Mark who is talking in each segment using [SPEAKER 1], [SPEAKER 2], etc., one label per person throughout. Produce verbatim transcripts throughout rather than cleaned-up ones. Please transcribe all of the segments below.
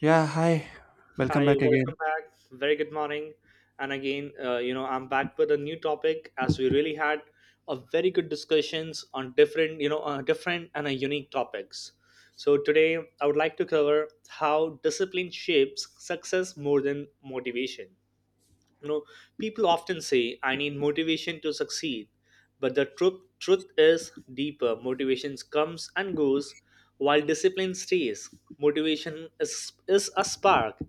[SPEAKER 1] Yeah, hi. Welcome
[SPEAKER 2] Hi,
[SPEAKER 1] back
[SPEAKER 2] welcome
[SPEAKER 1] again.
[SPEAKER 2] back. Very good morning. And again, uh, you know, I'm back with a new topic as we really had a very good discussions on different, you know, uh, different and uh, unique topics. So today, I would like to cover how discipline shapes success more than motivation. you know People often say, "I need motivation to succeed," but the truth truth is deeper. Motivation comes and goes while discipline stays. Motivation is is a spark,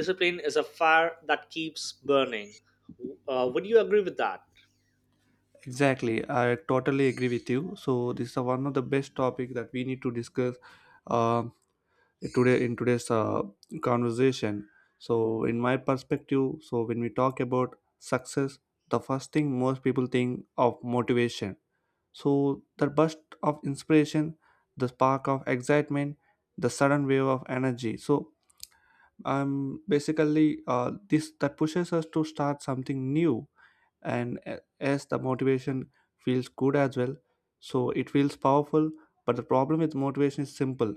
[SPEAKER 2] discipline is a fire that keeps burning. Uh, would you agree with that?
[SPEAKER 1] Exactly, I totally agree with you. So this is one of the best topic that we need to discuss uh, today in today's uh, conversation. So in my perspective, so when we talk about success, the first thing most people think of motivation. So the burst of inspiration, the spark of excitement, the sudden wave of energy. So um, basically, uh, this that pushes us to start something new and a- as the motivation feels good as well, so it feels powerful, but the problem with motivation is simple.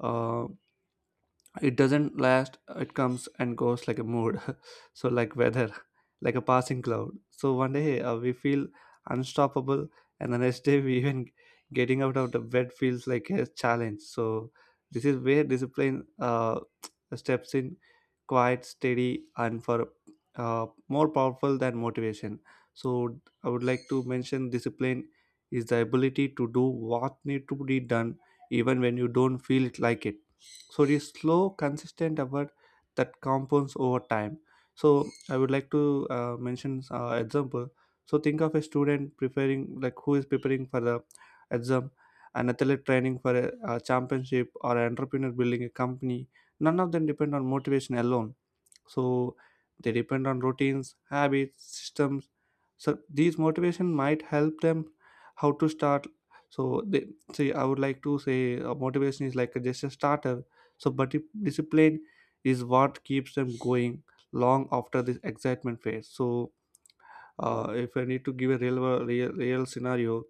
[SPEAKER 1] uh, it doesn't last, it comes and goes like a mood. So like weather, like a passing cloud. So one day uh, we feel unstoppable, and the next day we even getting out of the bed feels like a challenge. So this is where discipline uh, steps in, quite steady and for uh, more powerful than motivation. So I would like to mention, discipline is the ability to do what need to be done even when you don't feel it like it. So it is slow consistent effort that compounds over time. So I would like to uh, mention uh, example. So think of a student preparing, like who is preparing for the exam, an athlete training for a, a championship, or an entrepreneur building a company. None of them depend on motivation alone. So they depend on routines, habits, systems. So these motivation might help them how to start. So they say, I would like to say, uh, motivation is like a, just a starter. So but if discipline is what keeps them going long after this excitement phase. So uh, if I need to give a real real, real scenario,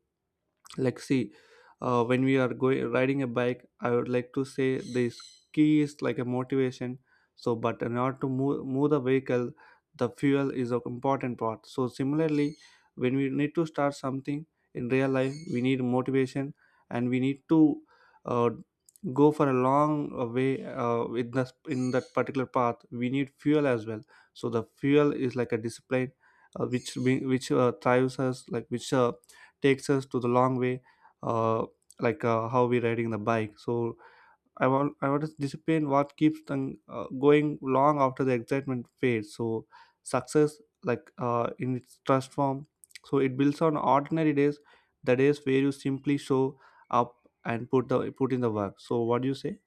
[SPEAKER 1] like see, uh, when we are going riding a bike, I would like to say this key is like a motivation. So but in order to move, move the vehicle, the fuel is an important part. So similarly, when we need to start something in real life, we need motivation, and we need to uh, go for a long uh, way uh, in, the, in that particular path, we need fuel as well. So the fuel is like a discipline, uh, which be, which uh, drives us, like which uh, takes us to the long way. uh, like uh, how we riding the bike. So i want I want to discipline what keeps them uh, going long after the excitement fades. So success, like uh, in its trust form, so it builds on ordinary days, the days where you simply show up and put the put in the work. So what do you say?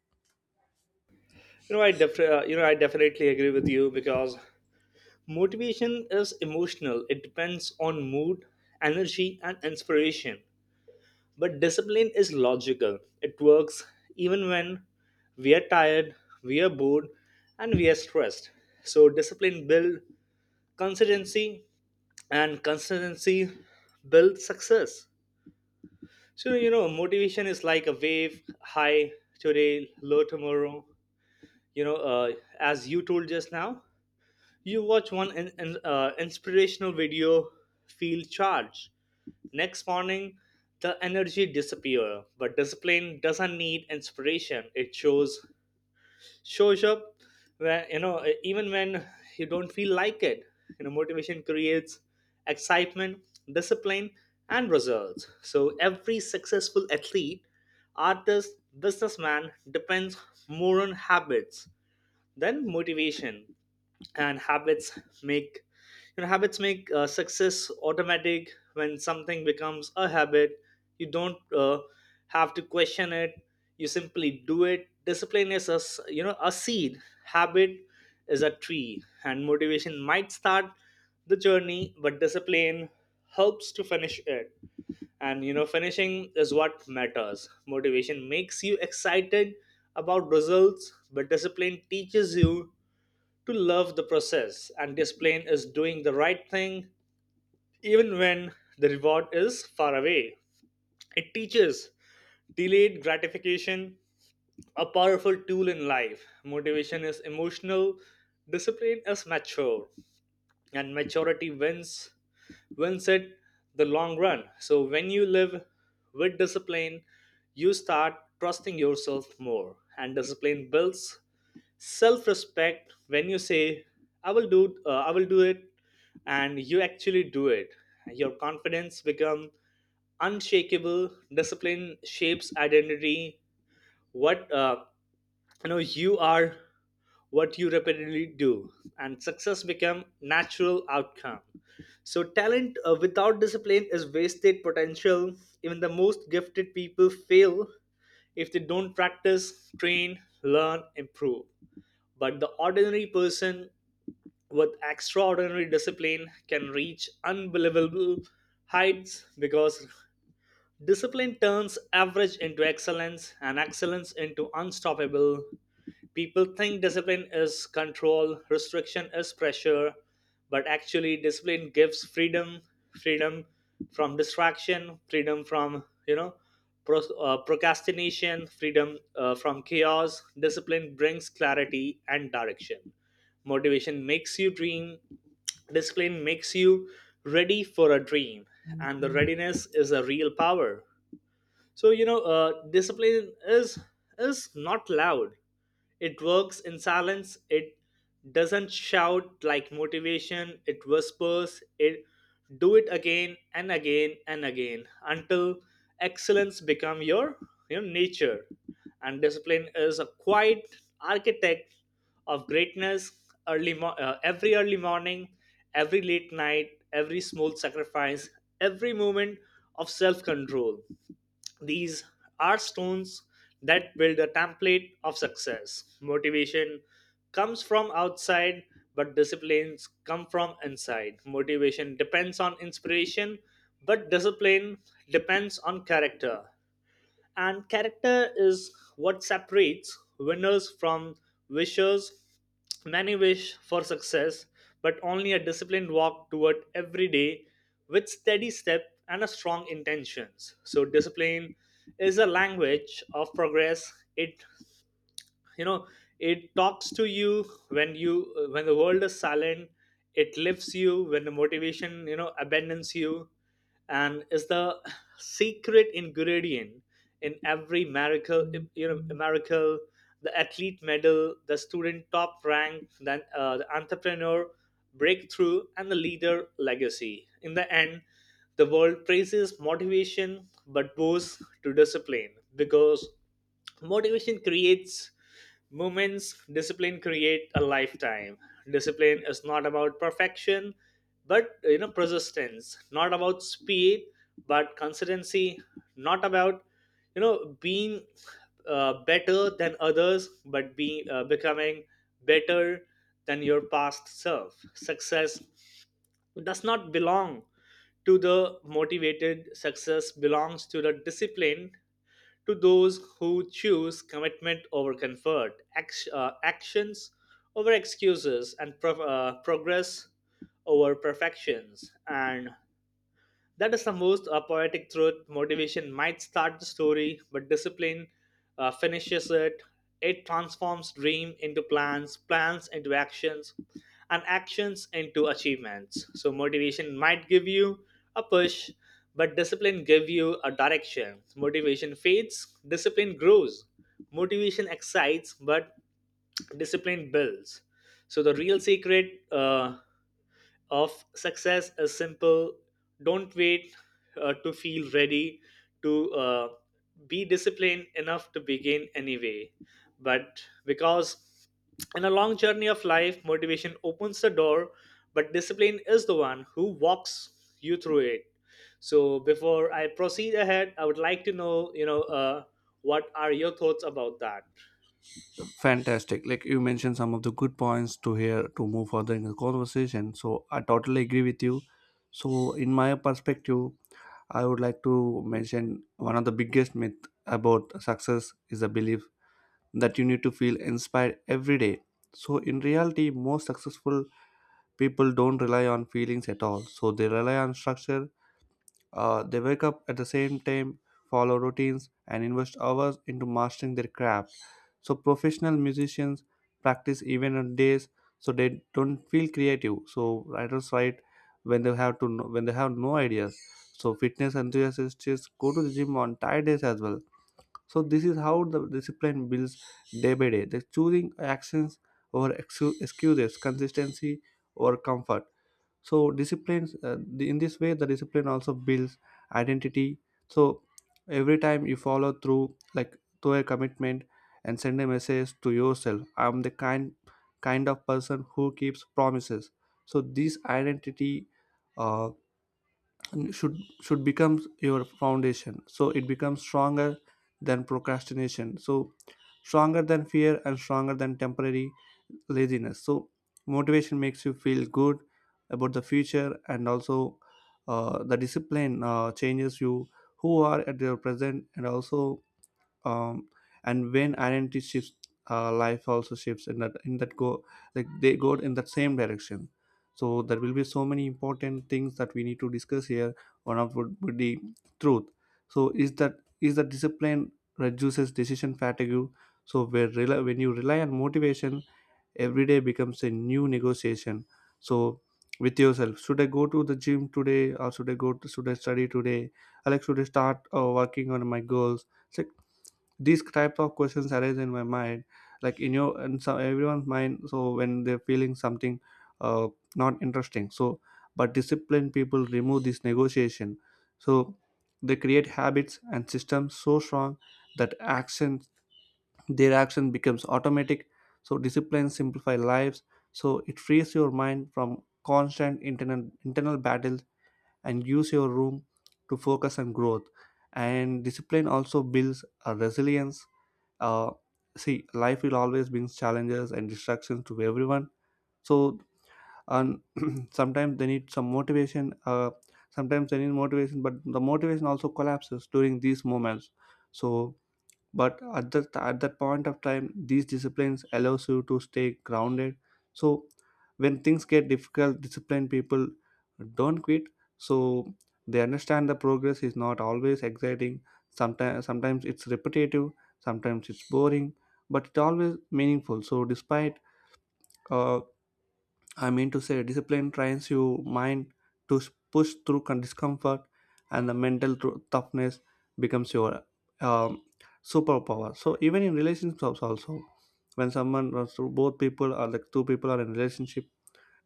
[SPEAKER 2] You know i def- uh, you know i definitely agree with you, because motivation is emotional. It depends on mood, energy and inspiration. But discipline is logical. It works even when we are tired, we are bored, and we are stressed. So discipline builds consistency, and consistency builds success. So you know, motivation is like a wave, high today, low tomorrow. You know, uh, as you told just now, you watch one in, in, uh, inspirational video, feel charged. Next morning, the energy disappears, but discipline doesn't need inspiration. It shows shows up when you know even when you don't feel like it. You know, motivation creates excitement, discipline, and results. So every successful athlete, artist, businessman depends more on habits then motivation, and habits make, you know habits make uh, success automatic. When something becomes a habit, you don't uh, have to question it. You simply do it. Discipline is a s- you know a seed. Habit is a tree, and motivation might start the journey, but discipline helps to finish it. And you know finishing is what matters. Motivation makes you excited about results, but discipline teaches you to love the process. And discipline is doing the right thing even when the reward is far away. It teaches delayed gratification, a powerful tool in life. Motivation is emotional, discipline is mature, and maturity wins wins it the long run. So when you live with discipline, you start trusting yourself more, and discipline builds self-respect. When you say, "I will do, uh, I will do it," and you actually do it, your confidence becomes unshakable. Discipline shapes identity. What? Uh, you know you are what you repeatedly do, and success become natural outcome. So talent uh, without discipline is wasted potential. Even the most gifted people fail if they don't practice, train, learn, improve. But the ordinary person with extraordinary discipline can reach unbelievable heights, because discipline turns average into excellence and excellence into unstoppable. People think discipline is control, restriction is pressure, but actually, discipline gives freedom. Freedom from distraction, freedom from, you know, pro- uh, procrastination, freedom uh, from chaos. Discipline brings clarity and direction. Motivation makes you dream, discipline makes you ready for a dream, and the readiness is a real power. So you know, uh, discipline is is not loud. It works in silence. It doesn't shout like motivation. It whispers. It do it again and again and again until excellence become your your nature. And discipline is a quiet architect of greatness. Early mo- uh, every early morning, every late night, every small sacrifice, every moment of self control. These are stones that build a template of success. Motivation comes from outside, but disciplines come from inside. Motivation depends on inspiration, but discipline depends on character. And character is what separates winners from wishers. Many wish for success, but only a disciplined walk toward every day with steady step and a strong intentions. So discipline is a language of progress. It, you know it talks to you when you uh, when the world is silent. It lifts you when the motivation, you know abandons you. And is the secret ingredient in every miracle. You know miracle the athlete medal, the student top rank, then uh, the entrepreneur breakthrough, and the leader legacy. In the end, the world praises motivation but bows to discipline, because motivation creates moments, discipline create a lifetime. Discipline is not about perfection, but you know persistence. Not about speed, but consistency. Not about you know being uh, better than others, but being uh, becoming better than your past self. Success does not belong to the motivated. Success belongs to the discipline, to those who choose commitment over comfort, act, uh, actions over excuses, and pro- uh, progress over perfections. And that is the most uh, poetic truth. Motivation might start the story, but discipline uh, finishes it. It transforms dream into plans, plans into actions, and actions into achievements. So motivation might give you a push, but discipline give you a direction. Motivation fades, discipline grows. Motivation excites, but discipline builds. So the real secret uh, of success is simple. Don't wait uh, to feel ready. To uh, be disciplined enough to begin anyway, but because in a long journey of life motivation opens the door, but discipline is the one who walks you through it. So before I proceed ahead, I would like to know, you know uh, what are your thoughts about that?
[SPEAKER 1] Fantastic, like you mentioned some of the good points to hear to move further in the conversation. So I totally agree with you. So in my perspective, I would like to mention one of the biggest myth about success is the belief that you need to feel inspired every day. So in reality, most successful people don't rely on feelings at all. So they rely on structure. Uh, they wake up at the same time, follow routines, and invest hours into mastering their craft. So professional musicians practice even on days so they don't feel creative. So writers write when they have to no, when they have no ideas. So fitness enthusiasts go to the gym on tired days as well. So this is how the discipline builds day by day. They're choosing actions over excu- excuses, consistency over comfort. So disciplines uh, the, in this way the discipline also builds identity. So every time you follow through, like through a commitment, and send a message to yourself, I'm the kind kind of person who keeps promises. So this identity uh, and should should become your foundation, so it becomes stronger than procrastination, so stronger than fear and stronger than temporary laziness. So motivation makes you feel good about the future, and also uh, the discipline uh, changes you who are at your present, and also um, and when identity shifts, uh, life also shifts in that in that go, like they go in that same direction. So there will be so many important things that we need to discuss here. One of would, would be truth. So is that is that discipline reduces decision fatigue. So where rela when you rely on motivation, every day becomes a new negotiation. So with yourself, should I go to the gym today, or should i go to should I study today? I like Should I start uh, working on my goals? It's like these type of questions arise in my mind, like in your and so everyone's mind. So when they're feeling something uh, not interesting, so but disciplined people remove this negotiation. So they create habits and systems so strong that action their action becomes automatic. So discipline simplify lives. So it frees your mind from constant internal internal battles, and use your room to focus on growth. And discipline also builds a resilience. uh, See, life will always bring challenges and distractions to everyone. So and sometimes they need some motivation. Uh, sometimes they need motivation, but the motivation also collapses during these moments. So but at that at that point of time, these disciplines allows you to stay grounded. So when things get difficult, disciplined people don't quit. So they understand the progress is not always exciting. Sometimes sometimes it's repetitive, sometimes it's boring, but it's always meaningful. So despite uh, I mean to say, discipline trains your mind to s- push through con- discomfort, and the mental tru- toughness becomes your um, superpower. So even in relationships, also, when someone or so both people or like two people are in relationship,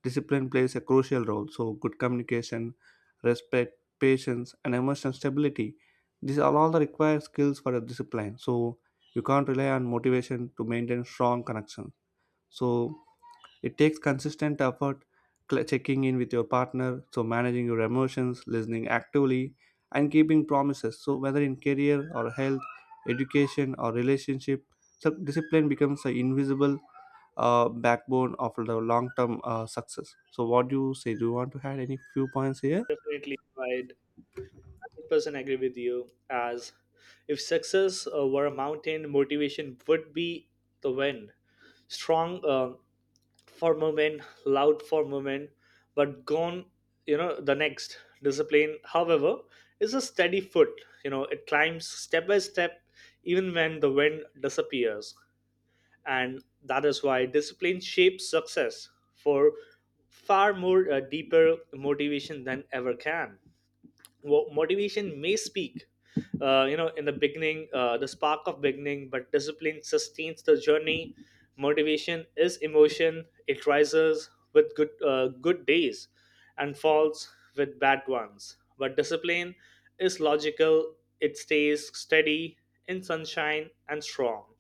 [SPEAKER 1] discipline plays a crucial role. So good communication, respect, patience, and emotional stability. These are all the required skills for a discipline. So you can't rely on motivation to maintain strong connection. So it takes consistent effort, cl- checking in with your partner, so managing your emotions, listening actively, and keeping promises. So whether in career or health, education or relationship, so discipline becomes an invisible uh, backbone of the long-term uh, success. So what do you say? Do you want to add any few points here?
[SPEAKER 2] Definitely, I one hundred percent agree with you. As if success uh, were a mountain, motivation would be the wind, strong uh, for moment, loud for moment, but gone you know the next. Discipline, however, is a steady foot. You know it climbs step by step, even when the wind disappears. And that is why discipline shapes success for far more uh, deeper motivation than ever can. Wo- motivation may speak, uh, you know in the beginning, uh, the spark of beginning, but discipline sustains the journey. Motivation is emotion. It rises with good uh, good days and falls with bad ones, but discipline is logical. It stays steady in sunshine and strong.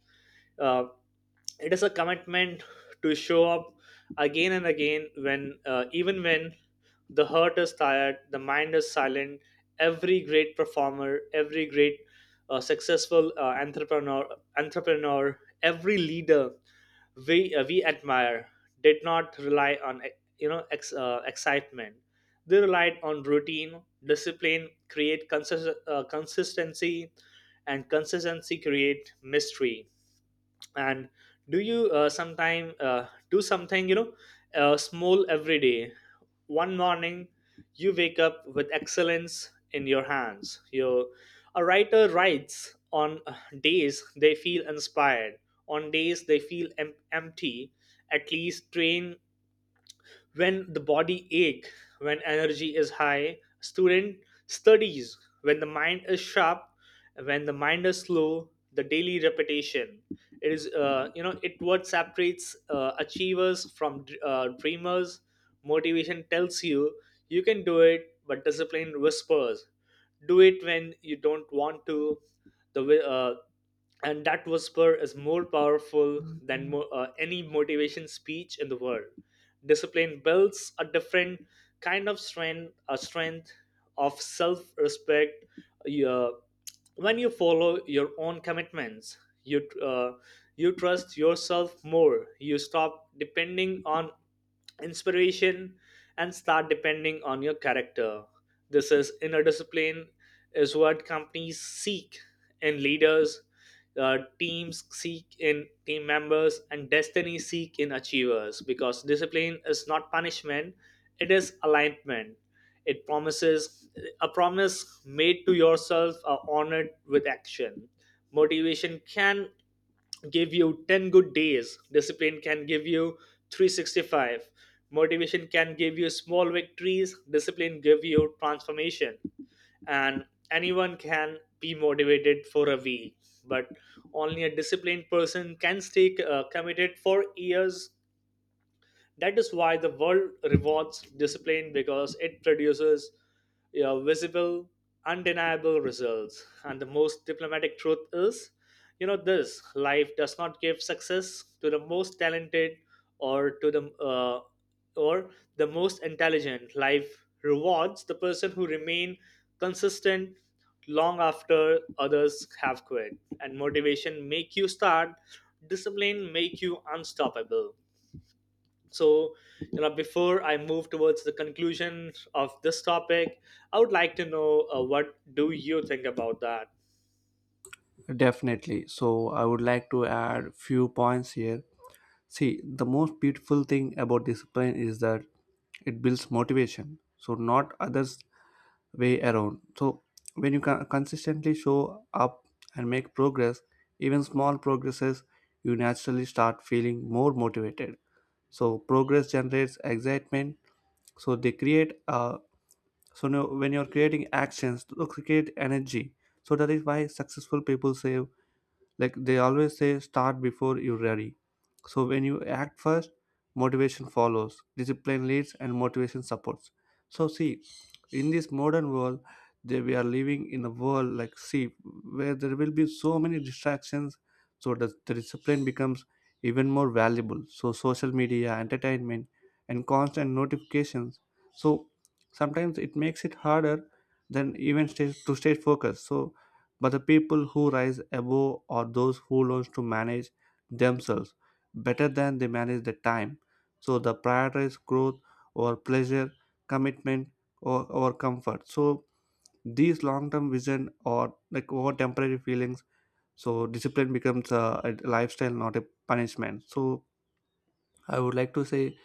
[SPEAKER 2] Uh, it is a commitment to show up again and again, when uh, even when the heart is tired, the mind is silent. Every great performer, every great uh, successful uh, entrepreneur entrepreneur every leader we uh, we admire did not rely on uh, you know ex, uh, excitement. They relied on routine. Discipline create consist- uh, consistency, and consistency create mystery. And do you uh, sometime uh, do something, you know uh, small every day? One morning you wake up with excellence in your hands. You, a writer writes on uh, days they feel inspired, on days they feel em- empty. At least train when the body ache, when energy is high. Student studies when the mind is sharp, when the mind is slow. The daily repetition, it is uh, you know it what separates uh, achievers from uh, dreamers. Motivation tells you you can do it, but discipline whispers, do it when you don't want to. the wi- uh, and that whisper is more powerful than mo- uh, any motivation speech in the world. Discipline builds a different kind of strength, a strength of self-respect. Your When you follow your own commitments, you uh, you trust yourself more. You stop depending on inspiration and start depending on your character. This is inner discipline. Is what companies seek in leaders, uh, teams seek in team members, and destiny seek in achievers. Because discipline is not punishment; it is alignment. It promises a promise made to yourself are honored with action. Motivation can give you ten good days, discipline can give you three sixty-five. Motivation can give you small victories, discipline give you transformation. And anyone can be motivated for a week, but only a disciplined person can stay uh, committed for years. That is why the world rewards discipline, because it produces, you know, visible, undeniable results. And the most diplomatic truth is, you know, this life does not give success to the most talented, or to the uh, or the most intelligent. Life rewards the person who remain consistent long after others have quit. And motivation make you start, discipline make you unstoppable. So you know before I move towards the conclusion of this topic, I would like to know, uh, what do you think about that?
[SPEAKER 1] Definitely. So I would like to add few points here. See, the most beautiful thing about discipline is that it builds motivation, so not others way around. So when you can consistently show up and make progress, even small progresses, you naturally start feeling more motivated. So progress generates excitement. So they create uh, so now when you're creating actions, to create energy. So that is why successful people say, like they always say, start before you're ready. So when you act first, motivation follows, discipline leads and motivation supports. So see, in this modern world that we are living in a world, like see, where there will be so many distractions, so the, the discipline becomes even more valuable. So social media, entertainment, and constant notifications, so sometimes it makes it harder than even stay, to stay focused. So but the people who rise above are those who learn to manage themselves better than they manage their time. So the prioritize growth or pleasure, commitment or, or comfort. So these long-term vision or like over temporary feelings. So discipline becomes a, a lifestyle, not a punishment. So I would like to say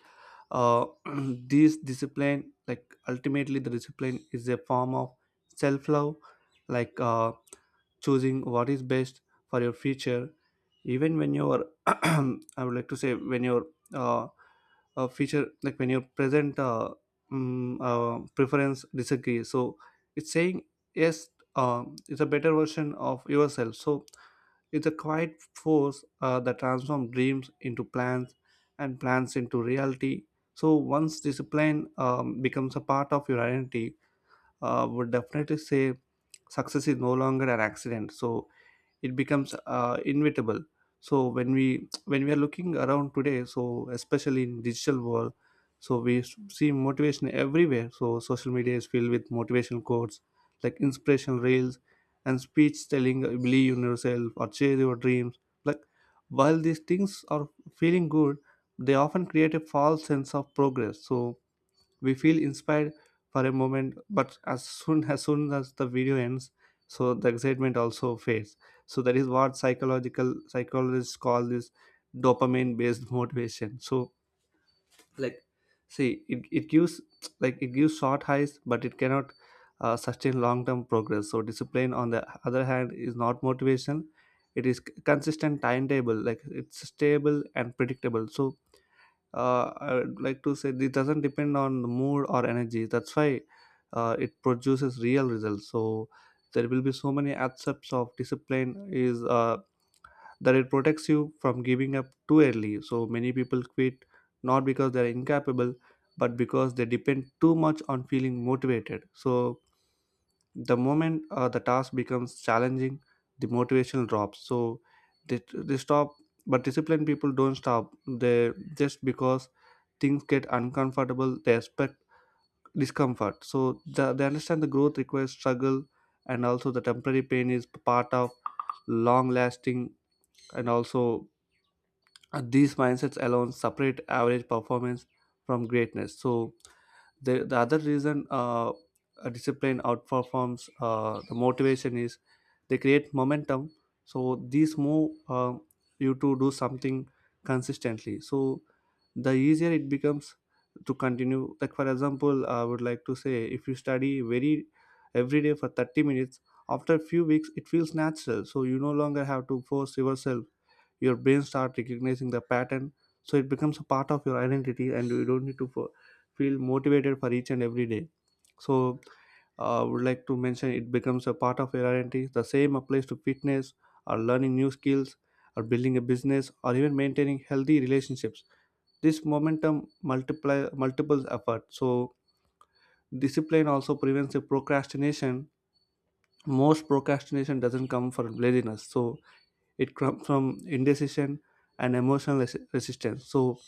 [SPEAKER 1] uh, this discipline, like ultimately the discipline is a form of self-love, like uh, choosing what is best for your future, even when your I would like to say when your uh, uh, future like when your present uh, mm, uh, preference disagrees. So it's saying yes, uh, it's a better version of yourself. So it's a quiet force uh, that transforms dreams into plans and plans into reality. So once discipline um, becomes a part of your identity, uh, would definitely say success is no longer an accident. So it becomes uh, inevitable. So when we when we are looking around today, so especially in digital world, so we s- see motivation everywhere. So social media is filled with motivational quotes, like inspirational reels and speech telling, uh, believe in yourself or chase your dreams. Like while these things are feeling good, they often create a false sense of progress. So we feel inspired for a moment, but as soon as soon as the video ends, so the excitement also fades. So that is what psychological psychologists call this dopamine based motivation. So like see, it, it gives, like it gives short highs, but it cannot uh, sustain long term progress. So discipline on the other hand is not motivation, it is c- consistent timetable, like it's stable and predictable. So uh, I would like to say it doesn't depend on the mood or energy. That's why uh, it produces real results. So there will be so many aspects of discipline is uh, that it protects you from giving up too early. So many people quit not because they are incapable, but because they depend too much on feeling motivated. So the moment uh, the task becomes challenging, the motivation drops. So they, they stop, but disciplined people don't stop, they just, because things get uncomfortable, they expect discomfort. So the, they understand the growth requires struggle, and also the temporary pain is part of long lasting. And also uh, these mindsets alone separate average performance from greatness. So the, the other reason uh, a discipline outperforms uh, the motivation is they create momentum. So these move uh, you to do something consistently, so the easier it becomes to continue. Like, for example, I would like to say, if you study very every day for thirty minutes, after a few weeks it feels natural, so you no longer have to force yourself. Your brain start recognizing the pattern, so it becomes a part of your identity and you don't need to fo- feel motivated for each and every day. So uh, I would like to mention, it becomes a part of your identity. The same applies to fitness or learning new skills or building a business or even maintaining healthy relationships. This momentum multiply multiples effort. So discipline also prevents the procrastination. Most procrastination doesn't come from laziness, so it comes from indecision and emotional res- resistance. So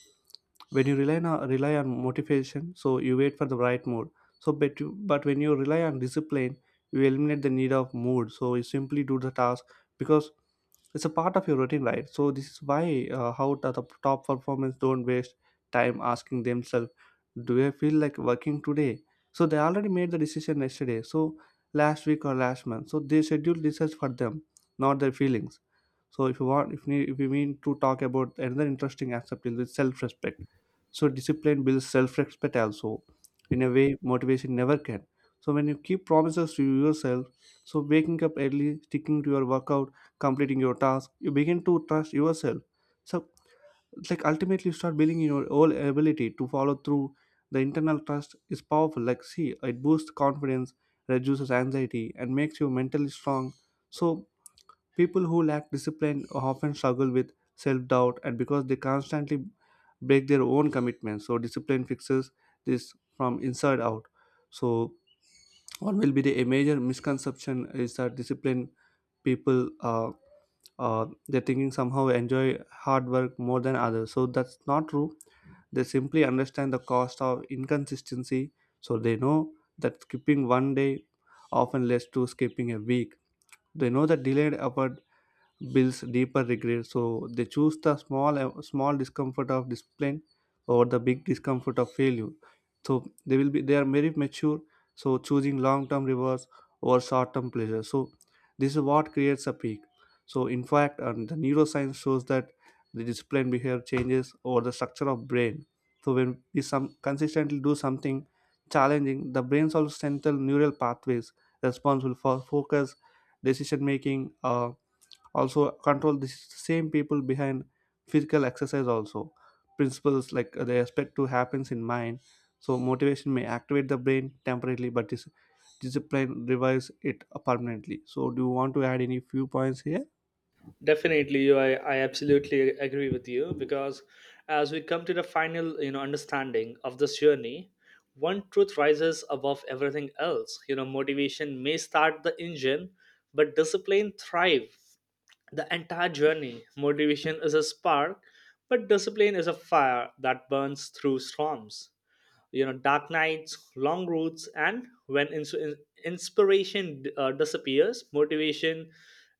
[SPEAKER 1] when you rely on rely on motivation, so you wait for the right mood. So but you, but when you rely on discipline, you eliminate the need of mood. So you simply do the task because it's a part of your routine, right? So this is why, uh, how the, the top performers don't waste time asking themselves, "Do I feel like working today?" So they already made the decision yesterday. So last week or last month. So they schedule research for them, not their feelings. So if you want, if we, if we mean to talk about another interesting aspect, is the self-respect. So discipline builds self-respect also, in a way motivation never can. So when you keep promises to yourself, so waking up early, sticking to your workout, completing your task, you begin to trust yourself. So it's like, ultimately, you start building your whole ability to follow through. The internal trust is powerful. Like, see, it boosts confidence, reduces anxiety, and makes you mentally strong. So people who lack discipline often struggle with self doubt and because they constantly break their own commitments. So, discipline fixes this from inside out. So, what will be the, a major misconception is that discipline people uh, uh, they're thinking somehow enjoy hard work more than others. So, that's not true. They simply understand the cost of inconsistency. So, they know that skipping one day often leads to skipping a week. They know that delayed effort builds deeper regret. So they choose the small uh, small discomfort of discipline over the big discomfort of failure. So they will be they are very mature. So choosing long term rewards over short term pleasure. So this is what creates a peak. So in fact, um, the neuroscience shows that the discipline behavior changes over the structure of brain. So when we some consistently do something challenging, the brain's also central neural pathways responsible for focus, decision making, uh, also control the same people behind physical exercise also principles like they expect to happens in mind. So motivation may activate the brain temporarily, but dis- discipline revives it permanently. So do you want to add any few points here?
[SPEAKER 2] Definitely you- I, I absolutely agree with you, because as we come to the final, you know understanding of this journey, one truth rises above everything else. You know motivation may start the engine, but discipline thrive the entire journey. Motivation is a spark, but discipline is a fire that burns through storms, you know dark nights, long routes, and when ins- in- inspiration uh, disappears. Motivation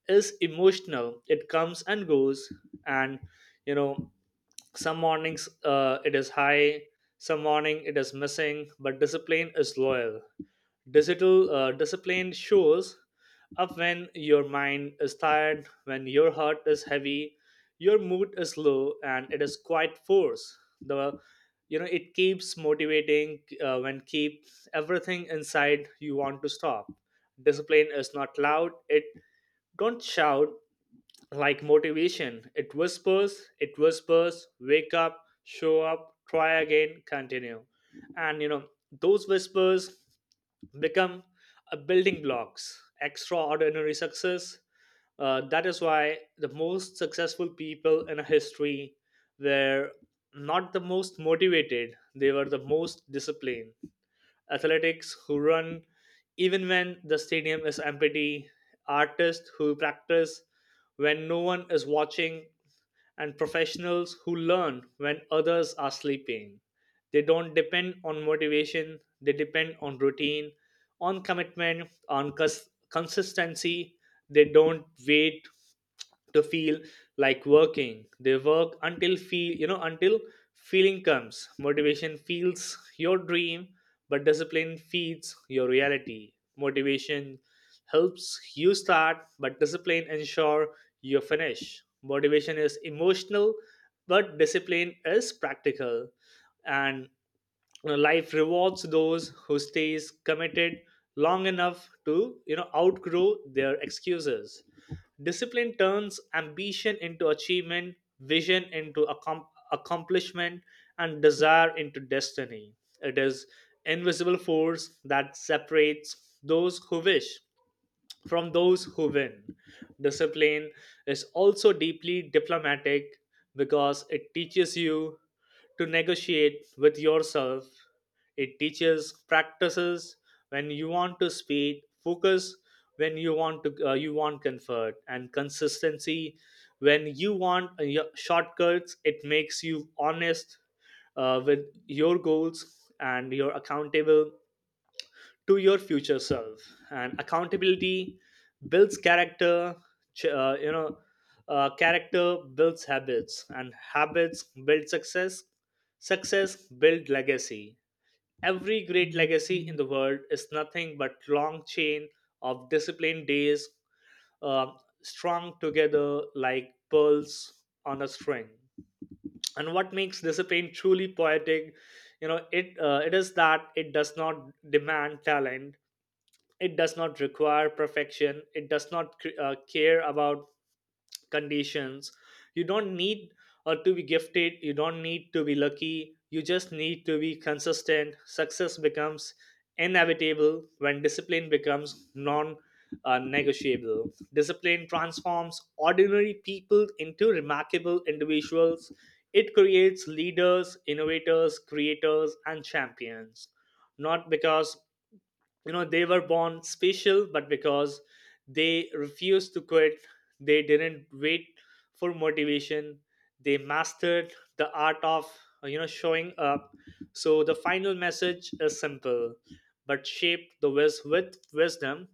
[SPEAKER 2] is emotional, it comes and goes. And you know some mornings uh, it is high, some morning it is missing, but discipline is loyal. Digital uh, Discipline shows up when your mind is tired, when your heart is heavy, your mood is low, and it is quite force. The, you know it keeps motivating uh, when keep everything inside you want to stop. Discipline is not loud. It don't shout like motivation. It whispers. It whispers. Wake up. Show up. Try again. Continue. And you know those whispers become a building blocks extraordinary success. Uh, that is why the most successful people in history were not the most motivated. They were the most disciplined. Athletics who run even when the stadium is empty, artists who practice when no one is watching, and professionals who learn when others are sleeping. They don't depend on motivation, they depend on routine, on commitment, on cons- consistency. They don't wait to feel like working. They work until feel, you know, until feeling comes. Motivation feels your dream, but discipline feeds your reality. Motivation helps you start, but discipline ensure you finish. Motivation is emotional, but discipline is practical. And you know, life rewards those who stays committed long enough to you know outgrow their excuses. Discipline turns ambition into achievement, vision into accom- accomplishment, and desire into destiny. It is invisible force that separates those who wish from those who win. Discipline is also deeply diplomatic, because it teaches you to negotiate with yourself. It teaches practices when you want to speed, focus when you want to uh, you want comfort, and consistency when you want uh, your shortcuts. It makes you honest uh, with your goals, and you're accountable to your future self. And accountability builds character. ch- uh, you know uh, Character builds habits, and habits build success. Success build legacy. Every great legacy in the world is nothing but long chain of disciplined days, uh, strung together like pearls on a string. And what makes discipline truly poetic, you know it uh, it is that it does not demand talent. It does not require perfection. It does not cr- uh, care about conditions. You don't need uh, to be gifted, you don't need to be lucky, you just need to be consistent. Success becomes inevitable when discipline becomes non uh, negotiable. Discipline transforms ordinary people into remarkable individuals. It creates leaders, innovators, creators and champions, not because you know they were born special, but because they refused to quit. They didn't wait for motivation. They mastered the art of, uh, you know showing up. So the final message is simple, but shaped the wis- with wisdom.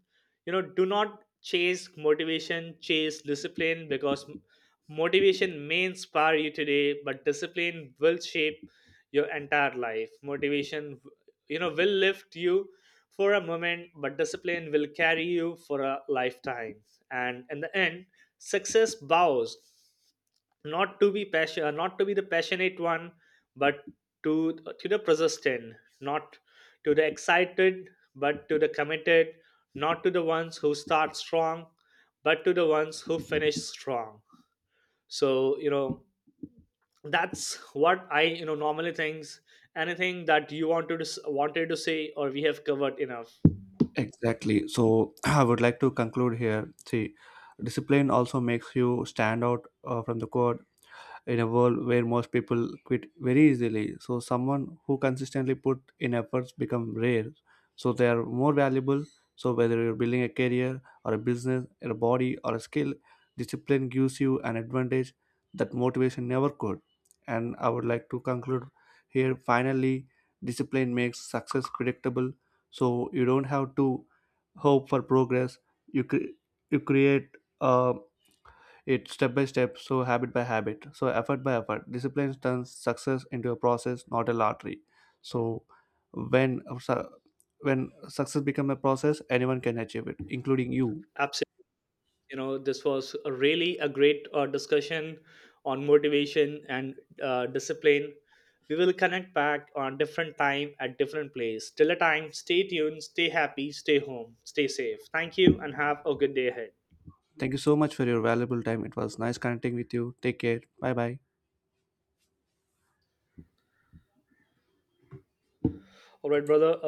[SPEAKER 2] you know Do not chase motivation, chase discipline, because m- motivation may inspire you today, but discipline will shape your entire life. Motivation, you know will lift you for a moment, but discipline will carry you for a lifetime. And in the end, success bows not to be passion, not to be the passionate one, but to uh, to the persistent, not to the excited, but to the committed, not to the ones who start strong, but to the ones who finish strong. So you know that's what I you know normally thinks. Anything that you wanted to s- wanted to say, or we have covered enough?
[SPEAKER 1] Exactly. So I would like to conclude here. See, discipline also makes you stand out uh, from the crowd in a world where most people quit very easily. So someone who consistently put in efforts become rare. So they are more valuable. So whether you're building a career or a business or a body or a skill, discipline gives you an advantage that motivation never could. And I would like to conclude here finally, discipline makes success predictable. So you don't have to hope for progress. You cre- you create uh, it's step by step, so habit by habit, so effort by effort. Discipline turns success into a process, not a lottery. So when su- when success becomes a process, anyone can achieve it, including you.
[SPEAKER 2] Absolutely. You know this was a really a great uh, discussion on motivation and uh, discipline. We will connect back on different time at different place. Till the time, stay tuned, stay happy, stay home, stay safe. Thank you and have a good day ahead.
[SPEAKER 1] Thank you so much for your valuable time. It was nice connecting with you. Take care. Bye bye.
[SPEAKER 2] All right, brother. uh,